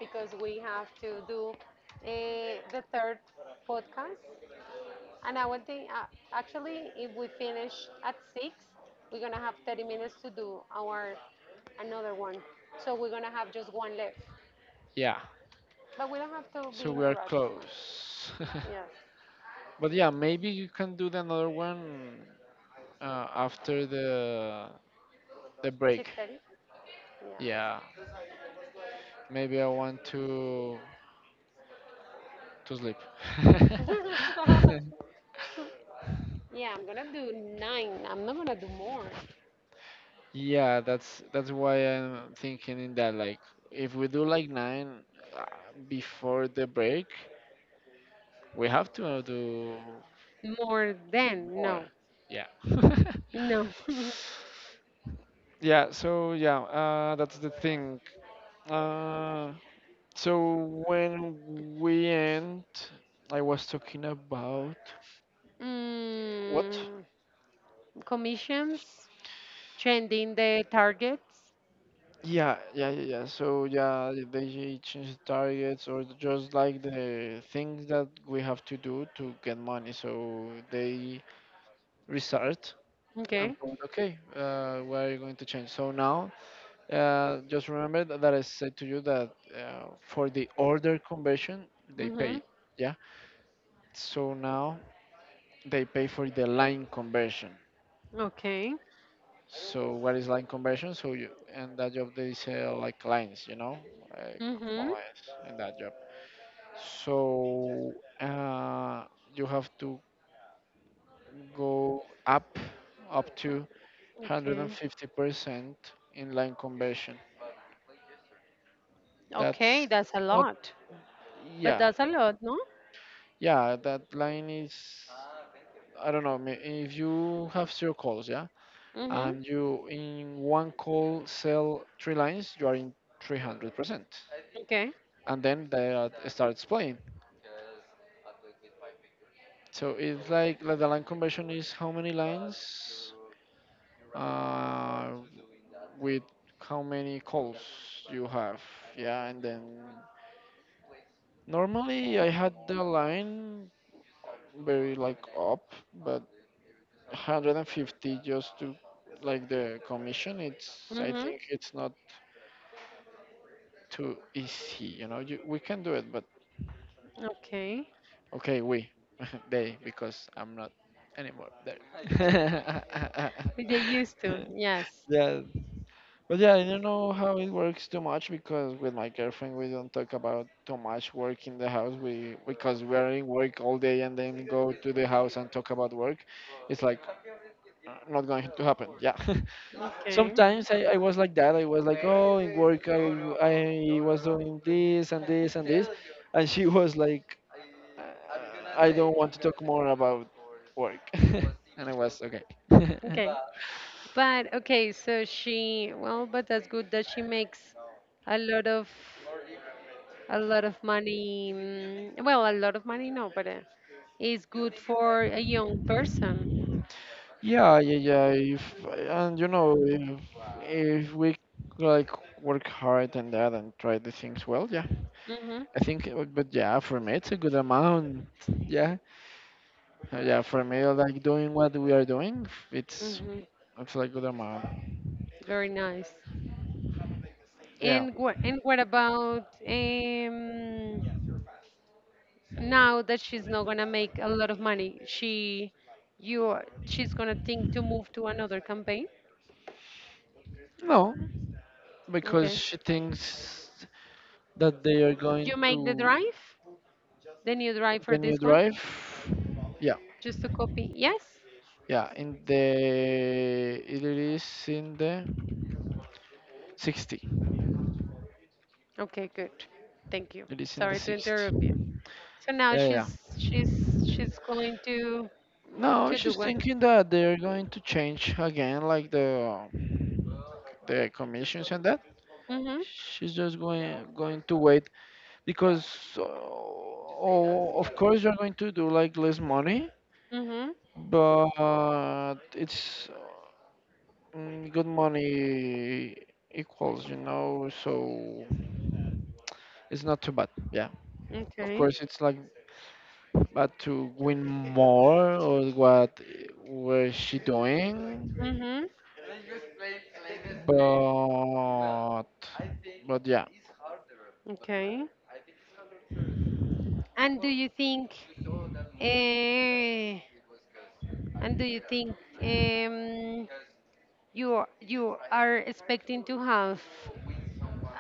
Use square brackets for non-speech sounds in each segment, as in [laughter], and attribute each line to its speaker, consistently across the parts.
Speaker 1: because we have to do the third podcast. And I want to, actually, if we finish at 6, we're going to have 30 minutes to do our another one. So we're going to have just one left.
Speaker 2: Yeah.
Speaker 1: But we don't have to be
Speaker 2: So
Speaker 1: in
Speaker 2: we
Speaker 1: a
Speaker 2: are
Speaker 1: rush so much.
Speaker 2: close.
Speaker 1: Yes.
Speaker 2: [laughs] But yeah, maybe you can do the another one after the break.
Speaker 1: 6:30? Yeah.
Speaker 2: Yeah. Maybe I want to sleep. [laughs]
Speaker 1: [laughs] Yeah, I'm going to do 9. I'm not going to do more.
Speaker 2: Yeah, that's why I'm thinking in that like if we do like nine uh, before the break, we have to do
Speaker 1: More than,
Speaker 2: more.
Speaker 1: no.
Speaker 2: Yeah.
Speaker 1: No. [laughs]
Speaker 2: [laughs] Yeah, so yeah, that's the thing. Uh, so when we end, I was talking about what?
Speaker 1: Mm, commissions, changing the targets.
Speaker 2: Yeah, yeah, yeah, yeah. So yeah, they change the targets or just like the things that we have to do to get money. So they restart and
Speaker 1: Okay.
Speaker 2: put, okay, what are you going to change? So now, just remember that I said to you that for the order conversion, they
Speaker 1: Mm-hmm.
Speaker 2: paid. Yeah. So now they pay for the line conversion.
Speaker 1: Okay.
Speaker 2: So what is line conversion? So you and that job they sell like lines, like phone
Speaker 1: Mm-hmm.
Speaker 2: lines in that job. So uh, you have to go up to
Speaker 1: Okay.
Speaker 2: 150% in line conversion.
Speaker 1: Okay,
Speaker 2: That's
Speaker 1: that's a
Speaker 2: not,
Speaker 1: lot. But
Speaker 2: yeah,
Speaker 1: that's a lot, no?
Speaker 2: yeah, that line is, I don't know, if you have zero calls, yeah,
Speaker 1: Mm-hmm.
Speaker 2: and you in one call sell three lines, you are in 300%.
Speaker 1: Okay.
Speaker 2: And then that starts playing. So it's like the line conversion is how many lines uh, with how many calls you have. Yeah, and then normally I had the line very like up, but 150 just to like the commission. It's, I
Speaker 1: Mm-hmm.
Speaker 2: think it's not too easy. You know, we can do it, but
Speaker 1: Okay.
Speaker 2: okay, we. [laughs] They, because I'm not anymore, ah, yeah, yeah,
Speaker 1: But they used to,
Speaker 2: there.
Speaker 1: yes.
Speaker 2: [laughs] Yeah. But yeah, I don't know how it works too much because with my girlfriend we don't talk about too much work in the house. We Because we are in work all day and then go to the house and talk about work. It's like not going to happen. Yeah. [laughs]
Speaker 1: Okay.
Speaker 2: Sometimes I was like that. I was like, oh, in work I was doing this and this and this. And she was like, uh, I don't want to talk more about work. [laughs] And I was okay. [laughs]
Speaker 1: Okay. But okay, so she, well, but that's good that she makes a lot of a lot of money. Well, a lot of money, no, but it's good for a young person.
Speaker 2: Yeah, yeah, yeah. If and you know, if we like work hard and that and try the things well, yeah.
Speaker 1: Mhm,
Speaker 2: I think, but yeah, for me it's a good amount. Yeah. Yeah. For me, like doing what we are doing, it's
Speaker 1: mhm.
Speaker 2: it's like good amount.
Speaker 1: Very nice.
Speaker 2: Yeah.
Speaker 1: And what about now that she's not gonna make a lot of money? She's gonna think to move to another campaign.
Speaker 2: No, because
Speaker 1: Okay.
Speaker 2: she thinks that they are going
Speaker 1: You make the
Speaker 2: to
Speaker 1: drive, the new drive for
Speaker 2: the new
Speaker 1: this one,
Speaker 2: drive. Yeah,
Speaker 1: just to copy. Yes.
Speaker 2: yeah. In the It is in the 60.
Speaker 1: Okay. Good. Thank you.
Speaker 2: It is in the
Speaker 1: Sorry to
Speaker 2: 60.
Speaker 1: interrupt you. So now
Speaker 2: Yeah, yeah.
Speaker 1: she's she's going to
Speaker 2: No,
Speaker 1: to do
Speaker 2: she's
Speaker 1: what?
Speaker 2: thinking that they are going to change again, like the commissions and that.
Speaker 1: Mhm.
Speaker 2: She's just going to wait because, oh, of course, you're going to do like less money,
Speaker 1: Mhm.
Speaker 2: but it's, good money equals, so it's not too bad. Yeah. Of
Speaker 1: Okay.
Speaker 2: course, it's like bad to win more or what was she doing?
Speaker 1: Mhm.
Speaker 2: But but yeah.
Speaker 1: Okay. And do you think eh, and do you think um you are expecting to have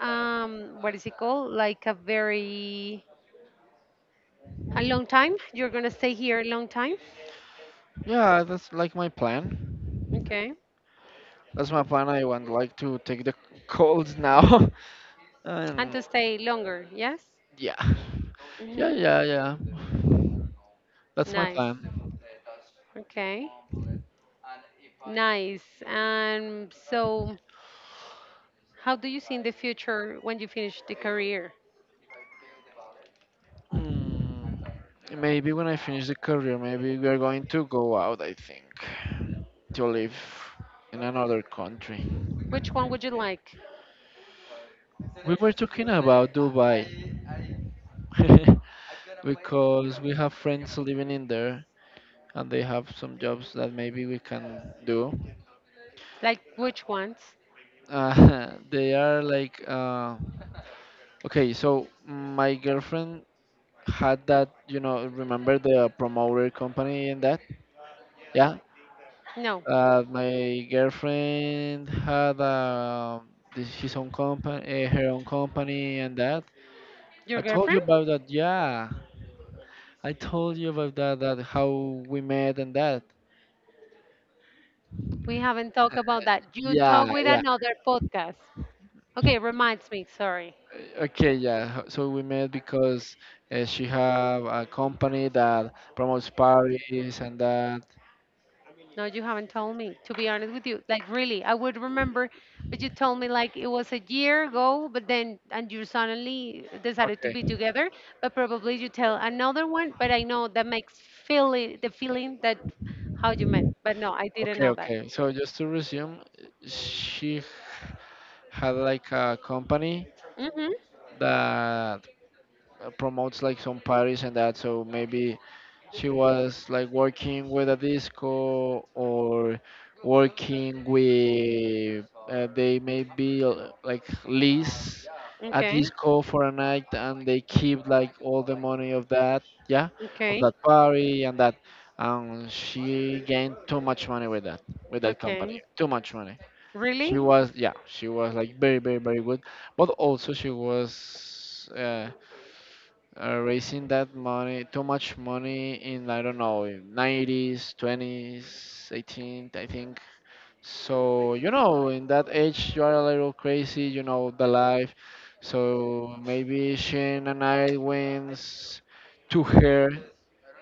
Speaker 1: what is it called? Like a very a long time? You're gonna stay here a long time?
Speaker 2: Yeah, that's like my plan.
Speaker 1: Okay.
Speaker 2: That's my plan. I want like to take the calls now. [laughs]
Speaker 1: And
Speaker 2: And
Speaker 1: to stay longer, yes?
Speaker 2: yeah. Yeah,
Speaker 1: Mm-hmm.
Speaker 2: yeah, yeah. That's my
Speaker 1: Nice.
Speaker 2: plan.
Speaker 1: Okay. Nice. And so, how do you see in the future when you finish the career?
Speaker 2: Mm. Maybe when I finish the career, maybe we are going to go out, I think, to live in another country.
Speaker 1: Which one would you like?
Speaker 2: We were talking about Dubai [laughs] because we have friends living in there and they have some jobs that maybe we can do.
Speaker 1: Like, which ones?
Speaker 2: [laughs] They are like, okay, so my girlfriend had that, remember the promoter company and that? Yeah.
Speaker 1: No.
Speaker 2: My girlfriend had his own company, her own company, and that. I
Speaker 1: Your
Speaker 2: told you
Speaker 1: girlfriend?
Speaker 2: about that. Yeah, I told you about that. That how we met and that.
Speaker 1: We haven't talked about that. You
Speaker 2: Yeah,
Speaker 1: talk with
Speaker 2: yeah.
Speaker 1: another podcast. Okay, reminds me, sorry.
Speaker 2: Okay, yeah. So we met because she have a company that promotes parties and that.
Speaker 1: No, you haven't told me, to be honest with you. Like, really, I would remember, but you told me like it was a year ago, but then, and you suddenly decided to be
Speaker 2: Okay,
Speaker 1: together, but probably you tell another one, but I know that makes feel it, the feeling that how you met, but no, I didn't
Speaker 2: okay,
Speaker 1: know that.
Speaker 2: okay. So just to resume, she had like a company
Speaker 1: Mm-hmm.
Speaker 2: that promotes like some parties and that. So maybe she was like working with a disco or working with, they maybe, like lease a
Speaker 1: Okay.
Speaker 2: disco for a night, and they keep like all the money yeah of
Speaker 1: Okay.
Speaker 2: that party and that. She gained too much money with that, with that company.
Speaker 1: Okay.
Speaker 2: Too much money. she
Speaker 1: Really?
Speaker 2: was yeah she was like very, very, very good. But also, she was raising that money, too much money in, I don't know, in 90s, 20s, 18, I think. So in that age, you are a little crazy. You know the life. So maybe Shane and I wins to her,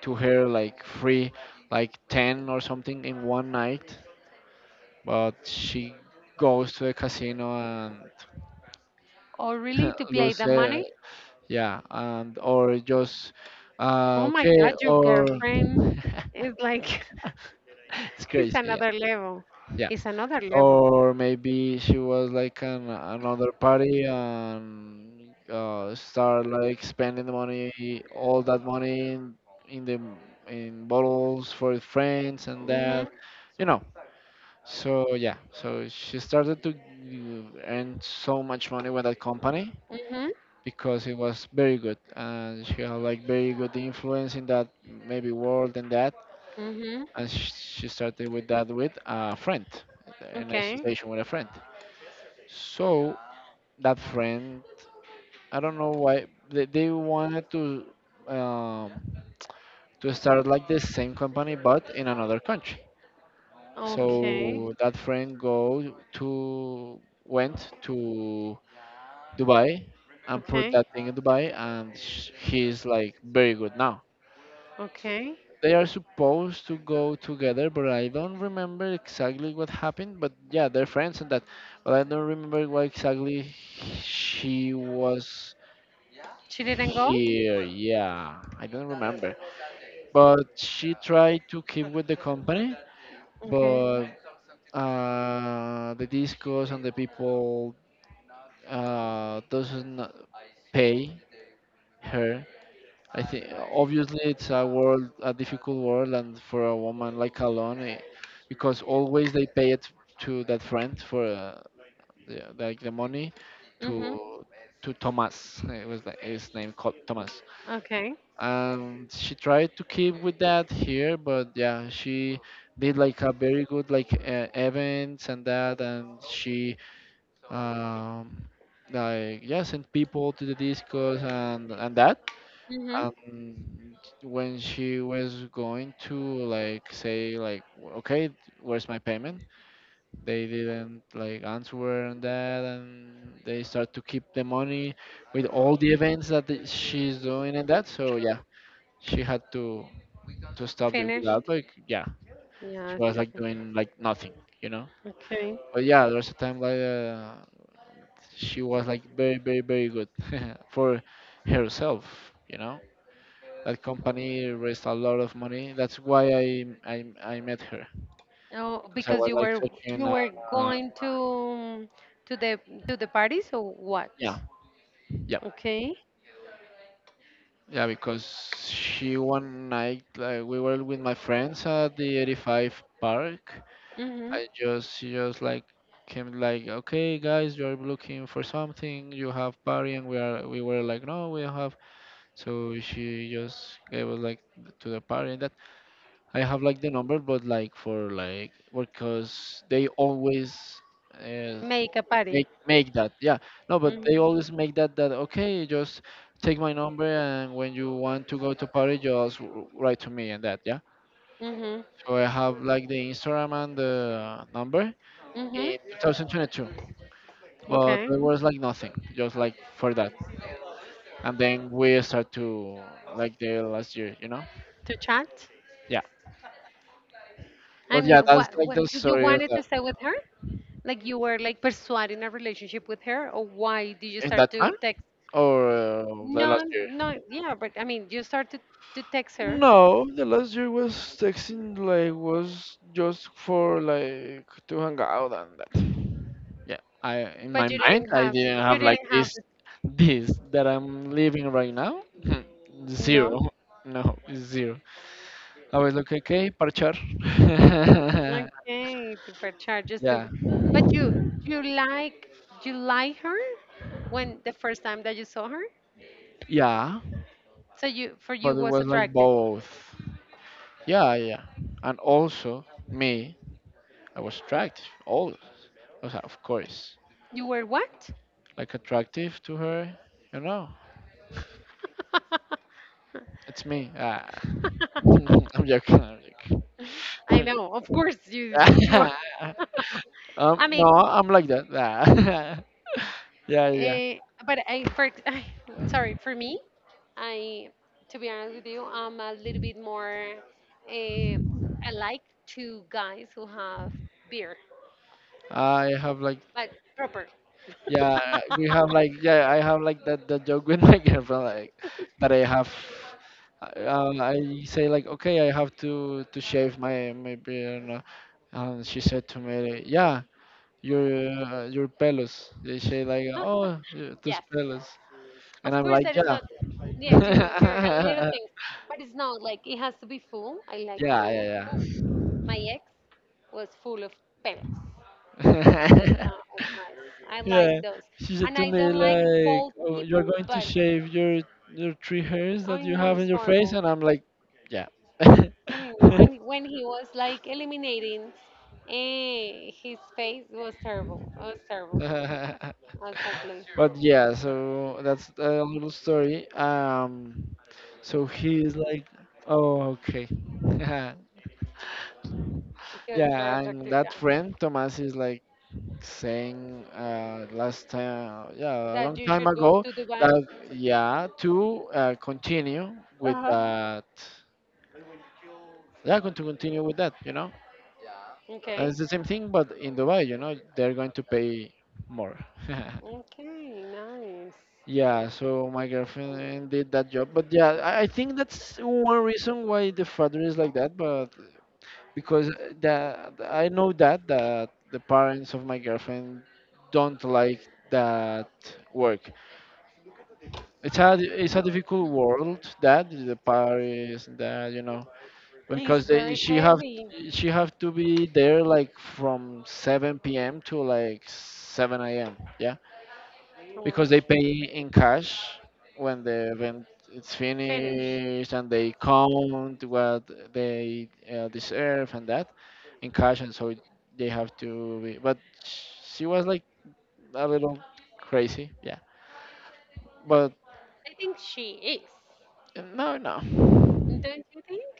Speaker 2: like free, like 10 or something in one night. But she goes to the casino and
Speaker 1: Oh, really? To
Speaker 2: [laughs]
Speaker 1: play
Speaker 2: lose,
Speaker 1: the money?
Speaker 2: yeah, and or just,
Speaker 1: Oh my
Speaker 2: okay,
Speaker 1: God, your
Speaker 2: or
Speaker 1: girlfriend is
Speaker 2: [laughs]
Speaker 1: like,
Speaker 2: it's
Speaker 1: [laughs] it's
Speaker 2: crazy, yeah,
Speaker 1: another level.
Speaker 2: yeah.
Speaker 1: It's another level.
Speaker 2: Or maybe she was like an another party and start like spending the money, all that money in the in bottles for friends and
Speaker 1: Mm-hmm.
Speaker 2: that, you know so yeah, so she started to earn so much money with that company
Speaker 1: Mm-hmm.
Speaker 2: because it was very good, and she had like very good influence in that maybe world and that.
Speaker 1: Mhm.
Speaker 2: And she started with that, with a friend, an
Speaker 1: Okay.
Speaker 2: association with a friend. So that friend, I don't know why they wanted um, to start like the same company, but in another country.
Speaker 1: Okay.
Speaker 2: So that friend go to went to Dubai and put
Speaker 1: Okay.
Speaker 2: that thing in Dubai, and he's like very good. Now
Speaker 1: Okay.
Speaker 2: they are supposed to go together, but I don't remember exactly what happened. But yeah, they're friends and that. But I don't remember why exactly she was
Speaker 1: She didn't go?
Speaker 2: here. Yeah, I don't remember. But she tried to keep with the company,
Speaker 1: Okay.
Speaker 2: but the discos and the people, doesn't pay her, I think. Obviously it's a world, a difficult world, and for a woman like alone, eh, because always they pay it to that friend for, like the money,
Speaker 1: Mhm.
Speaker 2: to to Thomas. It was like his name called Thomas,
Speaker 1: Okay.
Speaker 2: and she tried to keep with that here, but yeah, she did like a very good like events and that. And she, um like, yeah, sent people to the discos, and that.
Speaker 1: Mhm.
Speaker 2: um when she was going to like say like, okay, where's my payment, they didn't like answer on that, and they start to keep the money with all the events that she's doing and that. So yeah, she had to stop the with
Speaker 1: Finished.
Speaker 2: that, like, yeah, she
Speaker 1: Yeah, it's
Speaker 2: was like
Speaker 1: different.
Speaker 2: doing like nothing, you know.
Speaker 1: Okay.
Speaker 2: But yeah, there was a time like, she was like very, very, very good [laughs] for herself you know That company raised a lot of money. That's why I met her
Speaker 1: Oh,
Speaker 2: because I
Speaker 1: because
Speaker 2: was
Speaker 1: you
Speaker 2: like
Speaker 1: were
Speaker 2: searching.
Speaker 1: going to the party, so what?
Speaker 2: Yeah, yeah,
Speaker 1: Okay.
Speaker 2: yeah. Because she one night, like, we were with my friends at the 85 park.
Speaker 1: Mhm.
Speaker 2: I just she just like came like, okay, guys, you're looking for something, you have party, and we were like, no, we have. So she just gave us like to the party and that. I have like the number, but like for like because they always uh,
Speaker 1: Make a party.
Speaker 2: make that. Yeah, no, but they
Speaker 1: Mhm.
Speaker 2: always make that okay. Just take my number, and when you want to go to party, just write to me and that. Yeah.
Speaker 1: Mhm.
Speaker 2: So I have like the Instagram and the number
Speaker 1: Mhm.
Speaker 2: in 2022, but
Speaker 1: Okay.
Speaker 2: there was like nothing, just like for that. And then we start to like the last year, you know?
Speaker 1: To chat.
Speaker 2: Yeah. But yeah,
Speaker 1: And
Speaker 2: that's
Speaker 1: what
Speaker 2: like
Speaker 1: what
Speaker 2: the
Speaker 1: you
Speaker 2: story of
Speaker 1: wanted
Speaker 2: that
Speaker 1: to stay with her? Like you were like persuading a relationship with her, or why did you
Speaker 2: in that
Speaker 1: start to
Speaker 2: time.
Speaker 1: text?
Speaker 2: Or the
Speaker 1: No,
Speaker 2: last year.
Speaker 1: no, yeah, but I mean, you started to text her,
Speaker 2: No, the last year was texting like was just for like to hang out and that. Yeah, I in
Speaker 1: but
Speaker 2: my mind I didn't
Speaker 1: you
Speaker 2: have like
Speaker 1: didn't have,
Speaker 2: this that I'm living right now. Hmm.
Speaker 1: no.
Speaker 2: Zero. No, it's zero. I was like, okay, parchar. [laughs]
Speaker 1: Okay, supercharges
Speaker 2: Yeah,
Speaker 1: to, but you like her when the first time that you saw her,
Speaker 2: yeah,
Speaker 1: so you for you
Speaker 2: but it
Speaker 1: was
Speaker 2: was like
Speaker 1: attractive.
Speaker 2: both. Yeah, yeah, and also me, I was tracked. All, o sea, of course.
Speaker 1: You were what?
Speaker 2: Like, attractive to her. You know,
Speaker 1: [laughs]
Speaker 2: it's me. Ah. [laughs] I'm joking. I'm joking.
Speaker 1: I know, of course you
Speaker 2: I'm
Speaker 1: you.
Speaker 2: joking. [laughs]
Speaker 1: I
Speaker 2: No,
Speaker 1: mean,
Speaker 2: I'm like that. Ah. [laughs] Yeah, yeah.
Speaker 1: Eh, but I, for, [laughs] I, sorry, for me, I, to be honest with you, I'm a little bit more. I like two guys who have beer,
Speaker 2: I have like,
Speaker 1: but proper. [laughs]
Speaker 2: yeah, we have like, yeah, I have like that joke with my [laughs] girlfriend like that I have. I say like, okay, I have to shave my beard, and she said to me, yeah, your your pelos. They say like, oh, tus
Speaker 1: Yes,
Speaker 2: pelos. And
Speaker 1: of
Speaker 2: I'm
Speaker 1: course
Speaker 2: like,
Speaker 1: that is
Speaker 2: yeah.
Speaker 1: not. Yeah, you
Speaker 2: [laughs]
Speaker 1: you're a little thing, but it's not like it has to be full. I like
Speaker 2: Yeah,
Speaker 1: full.
Speaker 2: yeah,
Speaker 1: Oof. My ex was full of pelos.
Speaker 2: yeah. [laughs]
Speaker 1: So it's nice. I like
Speaker 2: Yeah,
Speaker 1: those,
Speaker 2: she said
Speaker 1: and
Speaker 2: to
Speaker 1: I
Speaker 2: me
Speaker 1: don't like
Speaker 2: like,
Speaker 1: bald
Speaker 2: "Oh, you're
Speaker 1: people,
Speaker 2: going to
Speaker 1: but
Speaker 2: shave your three hairs that
Speaker 1: I
Speaker 2: you
Speaker 1: know
Speaker 2: have in
Speaker 1: it's
Speaker 2: your face,"
Speaker 1: horrible.
Speaker 2: and I'm like, "Yeah."
Speaker 1: I know.
Speaker 2: [laughs]
Speaker 1: And when he was like eliminating, his face was terrible. It was terrible. Exactly.
Speaker 2: But yeah, so that's a little story. So he is like, "Oh, okay." [laughs]
Speaker 1: He was a very
Speaker 2: Yeah, and
Speaker 1: attractive
Speaker 2: that
Speaker 1: guy.
Speaker 2: friend Thomas is like, saying last time, yeah, a
Speaker 1: That
Speaker 2: long
Speaker 1: you
Speaker 2: time
Speaker 1: should go
Speaker 2: ago,
Speaker 1: to Dubai.
Speaker 2: that yeah, to continue with
Speaker 1: Uh huh.
Speaker 2: that, they're going to continue with that. And
Speaker 1: Okay.
Speaker 2: it's the same thing, but in Dubai, you know, they're going to pay more.
Speaker 1: Okay. Nice.
Speaker 2: [laughs] Yeah, so my girlfriend did that job, but yeah, I think that's one reason why the father is like that, but because that I know that the parents of my girlfriend don't like that work. It's a difficult world that the Paris that you know
Speaker 1: He's
Speaker 2: because they,
Speaker 1: very heavy.
Speaker 2: she have to be there like from 7 p.m. to like 7 a.m. Yeah,
Speaker 1: Too
Speaker 2: because they
Speaker 1: much.
Speaker 2: pay in cash when the event it's
Speaker 1: Finish.
Speaker 2: finished and they count what they deserve and that in cash and so they have to be. But she was like a little crazy. Yeah, but
Speaker 1: I think she is.
Speaker 2: no, no.
Speaker 1: Don't you think?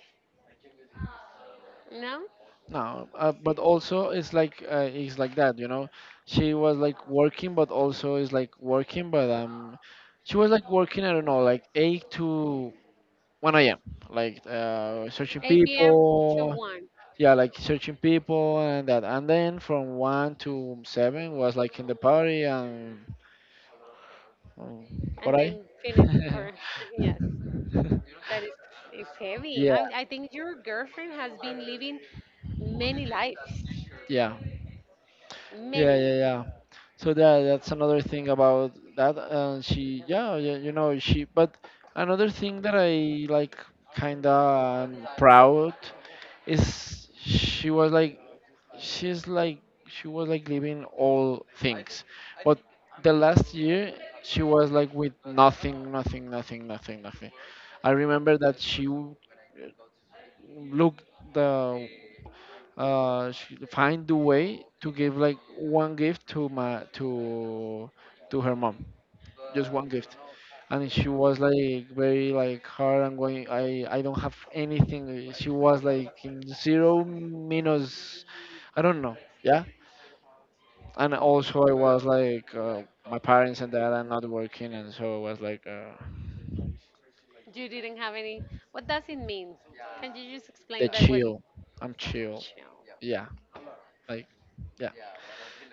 Speaker 1: No.
Speaker 2: No, but also it's like that, you know. She was like working, but also is like working, but she was like working. I don't know, like eight to one a.m. Like searching
Speaker 1: 8 p.m. to
Speaker 2: people.
Speaker 1: 1,
Speaker 2: Yeah, like searching people and that. And then from one to seven was like in the party and um, what
Speaker 1: and then finish
Speaker 2: I.
Speaker 1: for
Speaker 2: [laughs]
Speaker 1: [laughs] yes. That is heavy.
Speaker 2: yeah,
Speaker 1: I think your girlfriend has been living many lives,
Speaker 2: yeah, yeah,
Speaker 1: many.
Speaker 2: yeah. So that's another thing about that. And she, yeah, you know, she, but another thing that I like kinda am proud is she was like, she's like, she was like leaving all things, but the last year she was like with nothing I remember that looked the she find the way to give like one gift to my to her mom, just one gift, and she was like very like hard and going, I don't have anything. She was like in zero minus, I don't know. Yeah, and also I was like, my parents and that are not working, and so I was like,
Speaker 1: You didn't have any. What does it mean? Can you just
Speaker 2: they
Speaker 1: explain that? What?
Speaker 2: chill, I'm chill,
Speaker 1: Achoo.
Speaker 2: yeah, like yeah,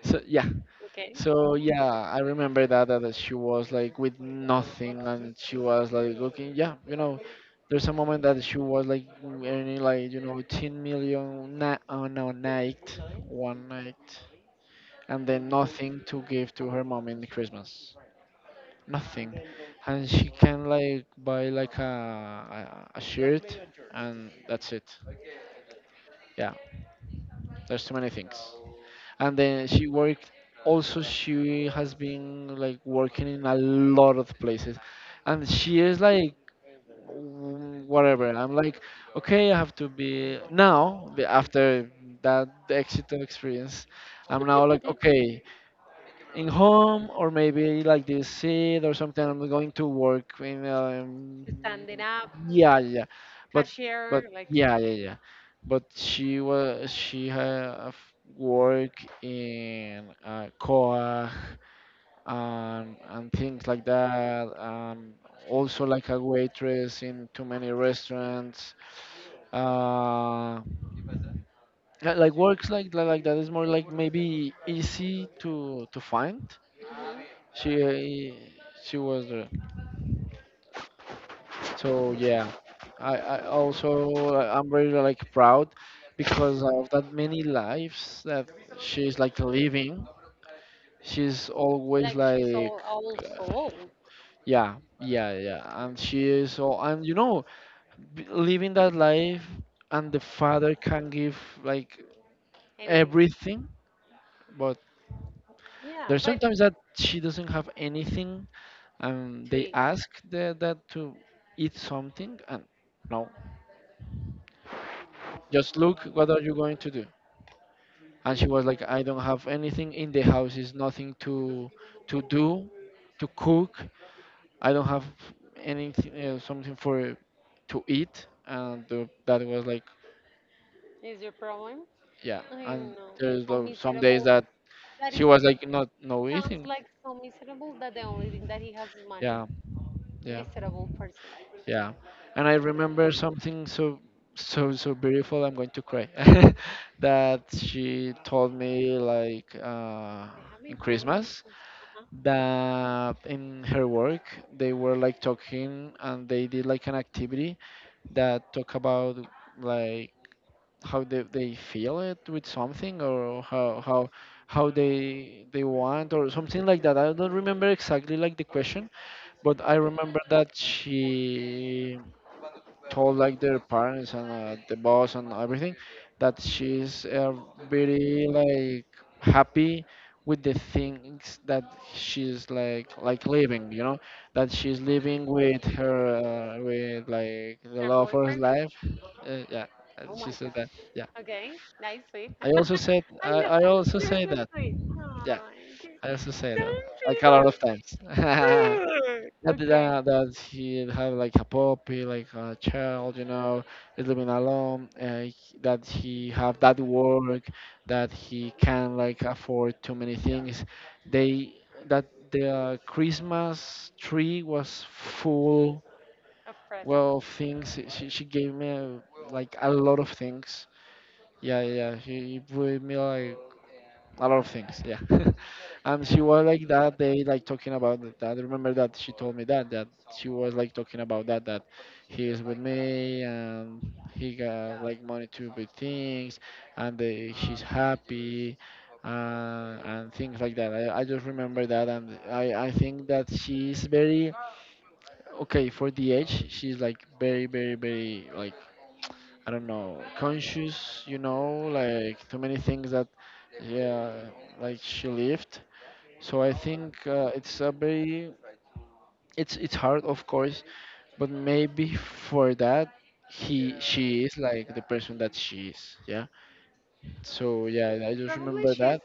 Speaker 2: so yeah.
Speaker 1: Okay.
Speaker 2: So yeah, I remember that she was like with nothing and she was like looking, yeah, you know, there's a moment that she was like earning like, you know, 10 million na on a night, one night, and then nothing to give to her mom in the Christmas. Nothing. And she can like buy like a shirt and that's it. Yeah. There's too many things and then she worked. Also she has been like working in a lot of places and she is like whatever, I'm like, okay, I have to be now after that exit experience. I'm now like,
Speaker 1: [laughs]
Speaker 2: okay, in home or maybe like this seat or something. I'm going to work in
Speaker 1: Standing up,
Speaker 2: yeah, yeah, but but
Speaker 1: cashier, like,
Speaker 2: yeah, but she was, she have work in Coa and things like that, and also like a waitress in too many restaurants, uh like works like like that is more like maybe easy to find.
Speaker 1: hmm
Speaker 2: she she was there, so yeah, I also I'm very like proud because of that many lives that she's like living. She's always
Speaker 1: like she's
Speaker 2: like
Speaker 1: all soul.
Speaker 2: yeah, yeah, yeah, and she is so, and you know, living that life and the father can give like
Speaker 1: Anything.
Speaker 2: everything, but
Speaker 1: Yeah,
Speaker 2: there's
Speaker 1: but
Speaker 2: sometimes that she doesn't have anything and
Speaker 1: to
Speaker 2: they
Speaker 1: eat
Speaker 2: ask that to eat something, and no, just look what are you going to do, and she was like, I don't have anything in the house, is nothing to do, to cook, I don't have anything, something for to eat, and that was like
Speaker 1: is your problem.
Speaker 2: yeah,
Speaker 1: I
Speaker 2: and
Speaker 1: know.
Speaker 2: there's
Speaker 1: How
Speaker 2: some days
Speaker 1: miserable.
Speaker 2: that
Speaker 1: That is
Speaker 2: she was like not no
Speaker 1: sounds
Speaker 2: eating.
Speaker 1: like so miserable that the only thing that he has is money.
Speaker 2: Yeah, yeah,
Speaker 1: Miserable person.
Speaker 2: yeah. And I remember something so so so beautiful. I'm going to cry. [laughs] That she told me like,
Speaker 1: They have been
Speaker 2: in
Speaker 1: calling me
Speaker 2: Christmas
Speaker 1: for uh-huh.
Speaker 2: that in her work they were like talking and they did like an activity that talk about like how they feel it with something or how they want or something like that. I don't remember exactly like the question, but I remember that she told like their parents and the boss and everything that she's very like happy with the things that she's like living, you know, that she's living with her with like the
Speaker 1: Her
Speaker 2: love of her
Speaker 1: boyfriend.
Speaker 2: life, yeah.
Speaker 1: Oh
Speaker 2: And she
Speaker 1: my
Speaker 2: said that
Speaker 1: gosh.
Speaker 2: yeah,
Speaker 1: Okay, nice, sweet.
Speaker 2: I also said,
Speaker 1: [laughs] I
Speaker 2: I,
Speaker 1: know.
Speaker 2: I also
Speaker 1: You're
Speaker 2: say
Speaker 1: so
Speaker 2: that,
Speaker 1: sweet.
Speaker 2: yeah,
Speaker 1: Oh,
Speaker 2: I also say that
Speaker 1: don't be
Speaker 2: like a lot
Speaker 1: that
Speaker 2: of times. [laughs]
Speaker 1: sweet.
Speaker 2: Not that,
Speaker 1: Okay,
Speaker 2: that he have like a puppy, like a child, you know, is living alone, that he have that work, that he can like afford too many things. They, that the Christmas tree was full,
Speaker 1: a present.
Speaker 2: well, of things. She gave me like a lot of things. Yeah, yeah, yeah. She gave me like a lot of things. Yeah. [laughs] And she was like that day, like talking about that. I remember that she told me that she was like talking about that he is with me and he got like money to buy things, and she's happy, and things like that. I just remember that, and I think that she's very okay for the age. She's like very very very like, I don't know, conscious. You know, like too many things that, yeah, like she lived, so I think, it's a very, it's hard, of course, but maybe for that he, she is like the person that she is. Yeah. So yeah, I just
Speaker 1: Probably
Speaker 2: remember
Speaker 1: she's,
Speaker 2: that.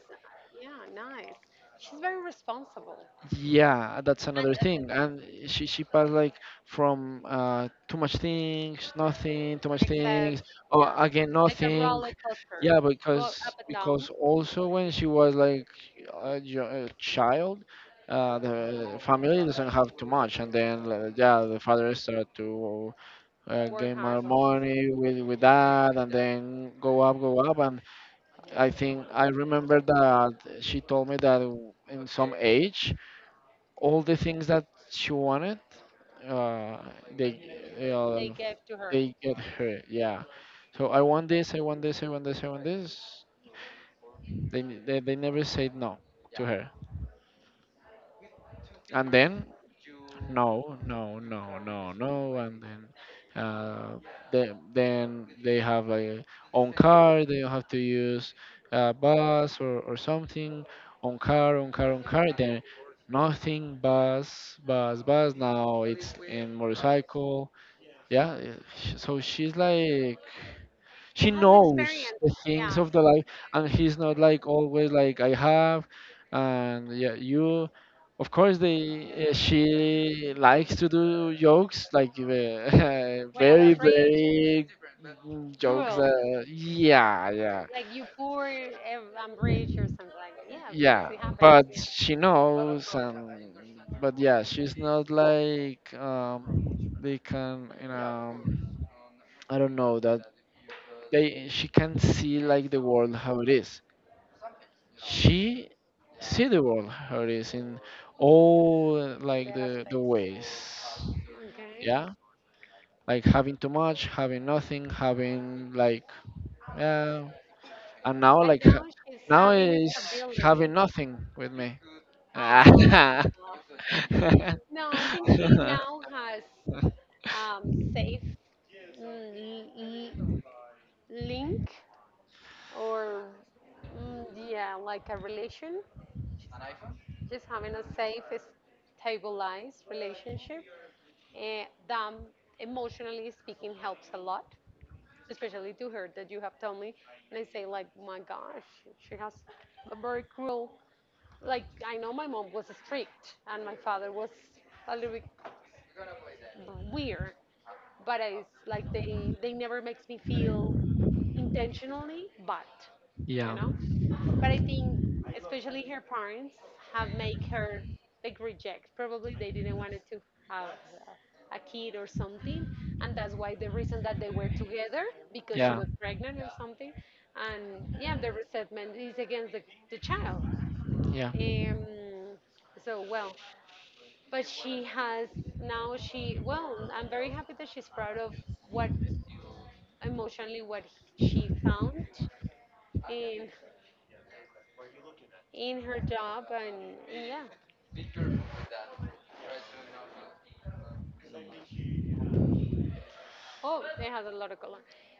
Speaker 1: yeah, nice. She's very responsible.
Speaker 2: Yeah, that's
Speaker 1: And
Speaker 2: another
Speaker 1: at the
Speaker 2: thing.
Speaker 1: way,
Speaker 2: And she passed like from too much things, nothing, too much
Speaker 1: excess,
Speaker 2: things, or
Speaker 1: yes,
Speaker 2: again
Speaker 1: like a
Speaker 2: nothing.
Speaker 1: roller coaster,
Speaker 2: Yeah,
Speaker 1: go up and down,
Speaker 2: because also when she was like a, a child, the family doesn't have too much, and then yeah, the father started to
Speaker 1: work
Speaker 2: gain
Speaker 1: hard.
Speaker 2: more money with that, and then go up, and I think I remember that she told me that in some age all the things that she wanted uh they uh,
Speaker 1: They gave to her.
Speaker 2: they get her, yeah. So I want this, I want this, I want this, I want this, they, they never said no to her, and then no, no and then then they have a own car, they have to use a bus or something. Own car, own car, own car, then nothing, bus, bus, bus, now it's in motorcycle, yeah. So she's like,
Speaker 1: She
Speaker 2: she
Speaker 1: has
Speaker 2: knows
Speaker 1: experience,
Speaker 2: the things
Speaker 1: yes,
Speaker 2: of the life, and he's not like always like I have, and yeah, you of course they, she likes to do jokes like, [laughs]
Speaker 1: when I
Speaker 2: very
Speaker 1: was rich,
Speaker 2: very jokes,
Speaker 1: cruel.
Speaker 2: yeah yeah
Speaker 1: Like you poor, ev- I'm rich or something like that. Yeah, because
Speaker 2: yeah,
Speaker 1: it happens.
Speaker 2: but
Speaker 1: Yeah,
Speaker 2: she knows, and but yeah, she's not like, they can, you know, I don't know, that they, she can see like the world how it is. She see the world how it is in all
Speaker 1: the
Speaker 2: like the
Speaker 1: aspects.
Speaker 2: ways.
Speaker 1: Okay.
Speaker 2: Yeah, like having too much, having nothing, having like yeah, and now
Speaker 1: And
Speaker 2: like
Speaker 1: now she's
Speaker 2: now
Speaker 1: having
Speaker 2: is
Speaker 1: stability.
Speaker 2: having nothing with me. [laughs] [laughs]
Speaker 1: Oh. No, I think she now has um, safe l- l- link or yeah, like a relation. Just having a safe, stabilized relationship. And that emotionally speaking helps a lot, especially to her, that you have told me and I say like my gosh, she has a very cruel, like I know my mom was strict and my father was a little bit weird, but it's like they never makes me feel intentionally bad, you
Speaker 2: Yeah.
Speaker 1: know, but I think, especially her parents, have made her like reject. Probably they didn't want it to have a kid or something, and that's why the reason that they were together because she
Speaker 2: Yeah.
Speaker 1: was pregnant or something. And yeah,
Speaker 2: Yeah.
Speaker 1: the resentment is against the child. Um, so well, but she has now. She well, I'm very happy that she's proud of what emotionally what she found in in her job and yeah. Oh, it has a lot of color.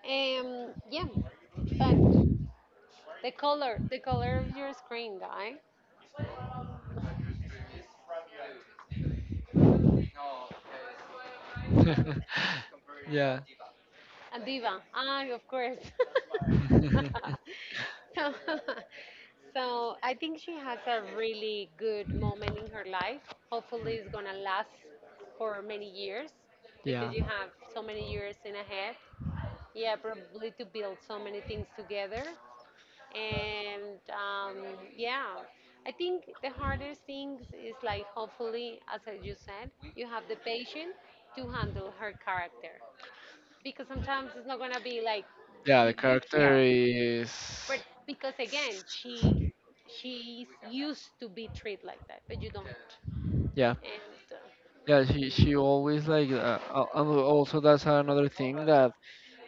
Speaker 1: Yeah, but the color of your screen, guy.
Speaker 2: [laughs] Yeah.
Speaker 1: And Viva. Ah, of course.
Speaker 2: [laughs]
Speaker 1: [laughs] So, [laughs] so I think she has a really good moment in her life. Hopefully, it's gonna last for many years because
Speaker 2: Yeah.
Speaker 1: you have so many years in ahead. Yeah, probably to build so many things together. And yeah, I think the hardest things is like hopefully as I- you said you have the patience to handle her character because sometimes it's not gonna be like
Speaker 2: Yeah,
Speaker 1: you,
Speaker 2: the
Speaker 1: you
Speaker 2: character
Speaker 1: chill,
Speaker 2: is,
Speaker 1: but because again she's used to be treated like that, but you don't
Speaker 2: yeah,
Speaker 1: and
Speaker 2: yeah, she always like, and also that's another thing, that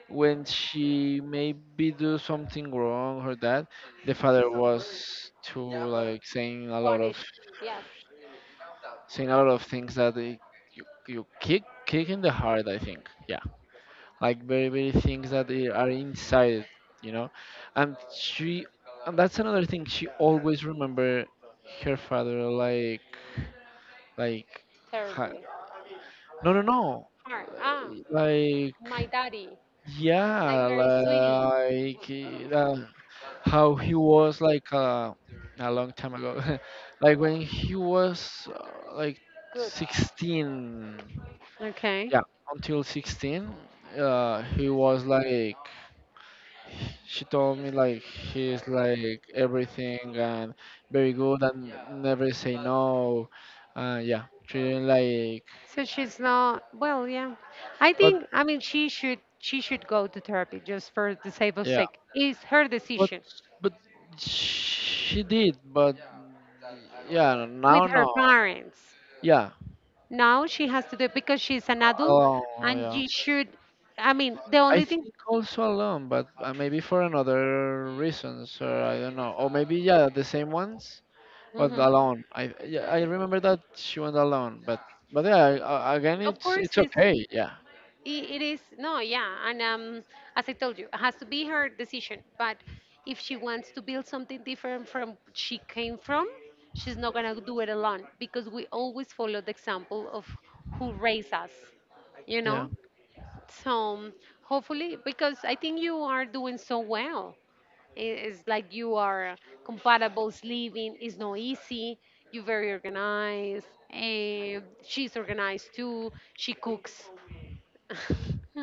Speaker 2: when she maybe do something wrong or that the father was too like saying a lot of,
Speaker 1: punished yes
Speaker 2: saying a lot of things that it, you kick in the heart, I think, yeah, like very very things that they are inside, you know. And she, and that's another thing, she always remember her father like ha-
Speaker 1: terribly
Speaker 2: no no no
Speaker 1: hard, ah
Speaker 2: like
Speaker 1: my daddy like
Speaker 2: yeah,
Speaker 1: very sweetie
Speaker 2: like uh, how he was like, a long time ago, [laughs] like when he was like
Speaker 1: good.
Speaker 2: 16,
Speaker 1: Okay,
Speaker 2: yeah, until 16, he was like, she told me like, he's like everything and very good and never say no, yeah, treating like,
Speaker 1: so she's not, well, yeah. I
Speaker 2: but
Speaker 1: think, I mean, she should go to therapy just for the sake of
Speaker 2: yeah,
Speaker 1: sake. It's her
Speaker 2: But
Speaker 1: decision
Speaker 2: but she did, but yeah,
Speaker 1: with
Speaker 2: now
Speaker 1: her
Speaker 2: no.
Speaker 1: parents.
Speaker 2: Yeah,
Speaker 1: Now she has to do it because she's an adult
Speaker 2: alone.
Speaker 1: and
Speaker 2: Yeah,
Speaker 1: she should, I mean, the
Speaker 2: I
Speaker 1: only thing,
Speaker 2: think also alone, but maybe for another reasons, or I don't know, or maybe yeah, the same ones, but
Speaker 1: Mhm.
Speaker 2: alone. I, yeah, I remember that she went alone, but yeah, again,
Speaker 1: Of course,
Speaker 2: it's
Speaker 1: is
Speaker 2: okay. Yeah,
Speaker 1: it is no, yeah, and as I told you, it has to be her decision, but if she wants to build something different from she came from, she's not going to do it alone because we always follow the example of who raised us, you
Speaker 2: yeah,
Speaker 1: know. So um, hopefully, because I think you are doing so well. I- it's like you are compatible, living is not easy, you're very organized, eh, she's organized too, she cooks [laughs]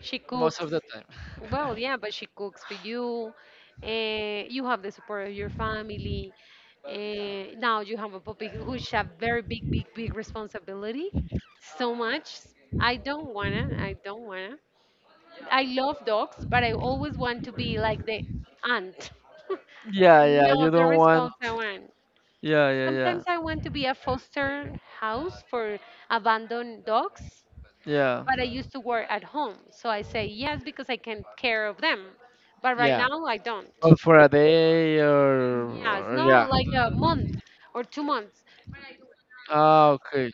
Speaker 1: she
Speaker 2: most
Speaker 1: cooks.
Speaker 2: of the time. [laughs]
Speaker 1: Well, yeah, but she cooks for you. You have the support of your family. Now you have a puppy who's a very big, big, big responsibility. So much. I don't wanna. I don't wanna. I love dogs, but I always want to be like the aunt. [laughs]
Speaker 2: Yeah, yeah,
Speaker 1: No,
Speaker 2: you
Speaker 1: the
Speaker 2: don't want.
Speaker 1: responsible one.
Speaker 2: Yeah, yeah, yeah,
Speaker 1: Sometimes I want to be a foster house for abandoned dogs,
Speaker 2: yeah,
Speaker 1: but I used to work at home. So I say yes because I can care of them. But right
Speaker 2: yeah.
Speaker 1: now I don't.
Speaker 2: Oh, for a day
Speaker 1: Yes,
Speaker 2: or
Speaker 1: no,
Speaker 2: yeah.
Speaker 1: like a month or 2 months.
Speaker 2: Ah, okay.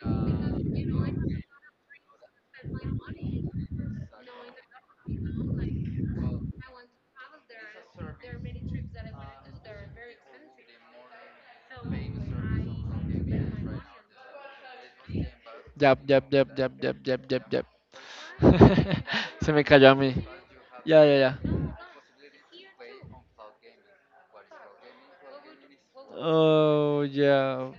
Speaker 2: Yep, yep, yep, yep, yep, yep, yep, yep. [laughs] Se me cayó a mí. Yeah, yeah, yeah. Oh, yeah.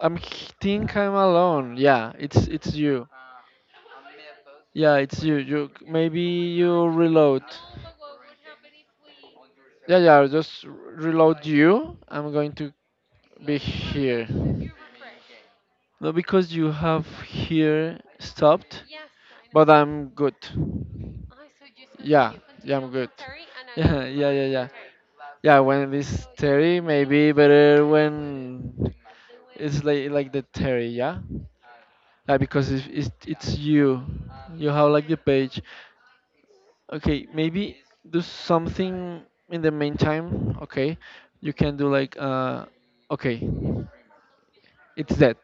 Speaker 2: think I'm alone. Yeah, it's you. Yeah, it's you. You maybe you reload. Yeah, yeah. Just reload you. I'm going to be here. No, because you have here stopped, but I'm good. Yeah, yeah, I'm good. [laughs] Yeah, yeah, yeah, yeah. Yeah, when it's Terry, maybe better when When it's like the Terry, yeah? Yeah, because it's, it's you. You have like the page. Okay, maybe do something in the meantime, okay? You can do like okay, it's that.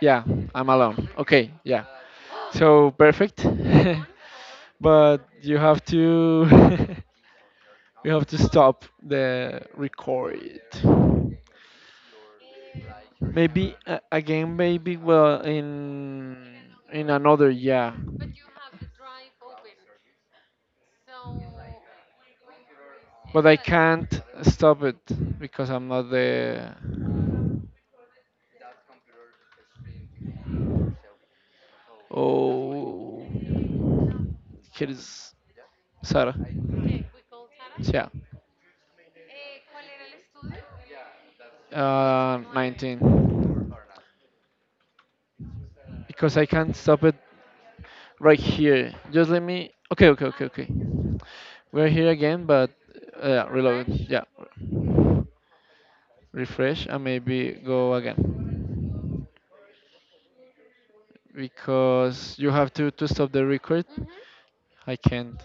Speaker 2: Yeah, I'm alone. Okay, yeah. So perfect. [laughs] But you have to [laughs] you have to stop the record. Maybe again maybe well in another year. But I can't stop it because I'm not the, oh here is Sarah. Yeah. 19. Because I can't stop it right here. Just let me. Okay, okay, okay, okay. We're here again, but reload. Yeah, refresh and maybe go again because you have to stop the record. I can't.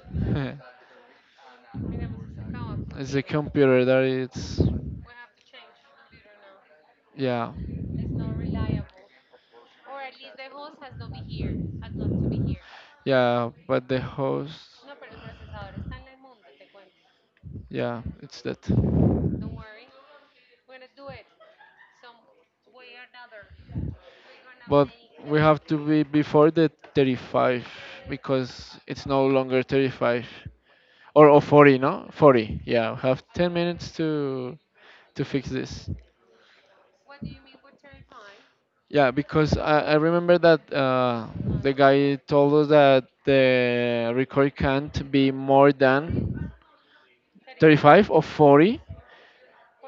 Speaker 2: [laughs] It's the computer that it's. Yeah, yeah. But the host. Yeah, it's that. But we have to be before the 35 because it's no longer 35. Or 40, no 40, yeah, have 10 minutes to fix this, yeah, because I remember that the guy told us that the record can't be more than 35 or 40,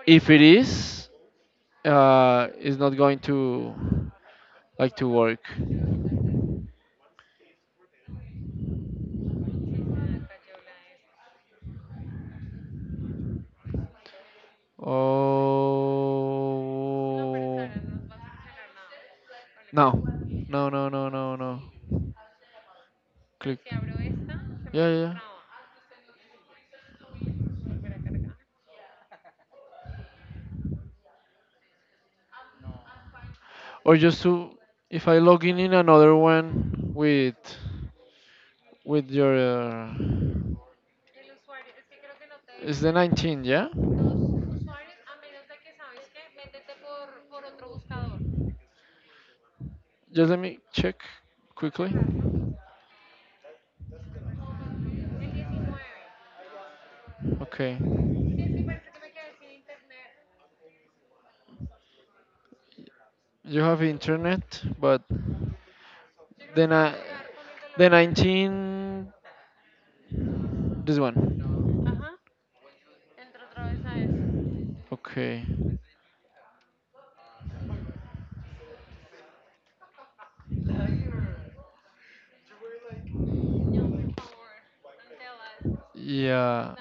Speaker 2: if it is it's not going to like to work. Oh, no no no no no no, click, yeah yeah yeah. Or just to, if I log in another one with your it's the 19th, yeah? Just let me check quickly. Okay, you have internet, but then I the 19 this one. Okay, yeah.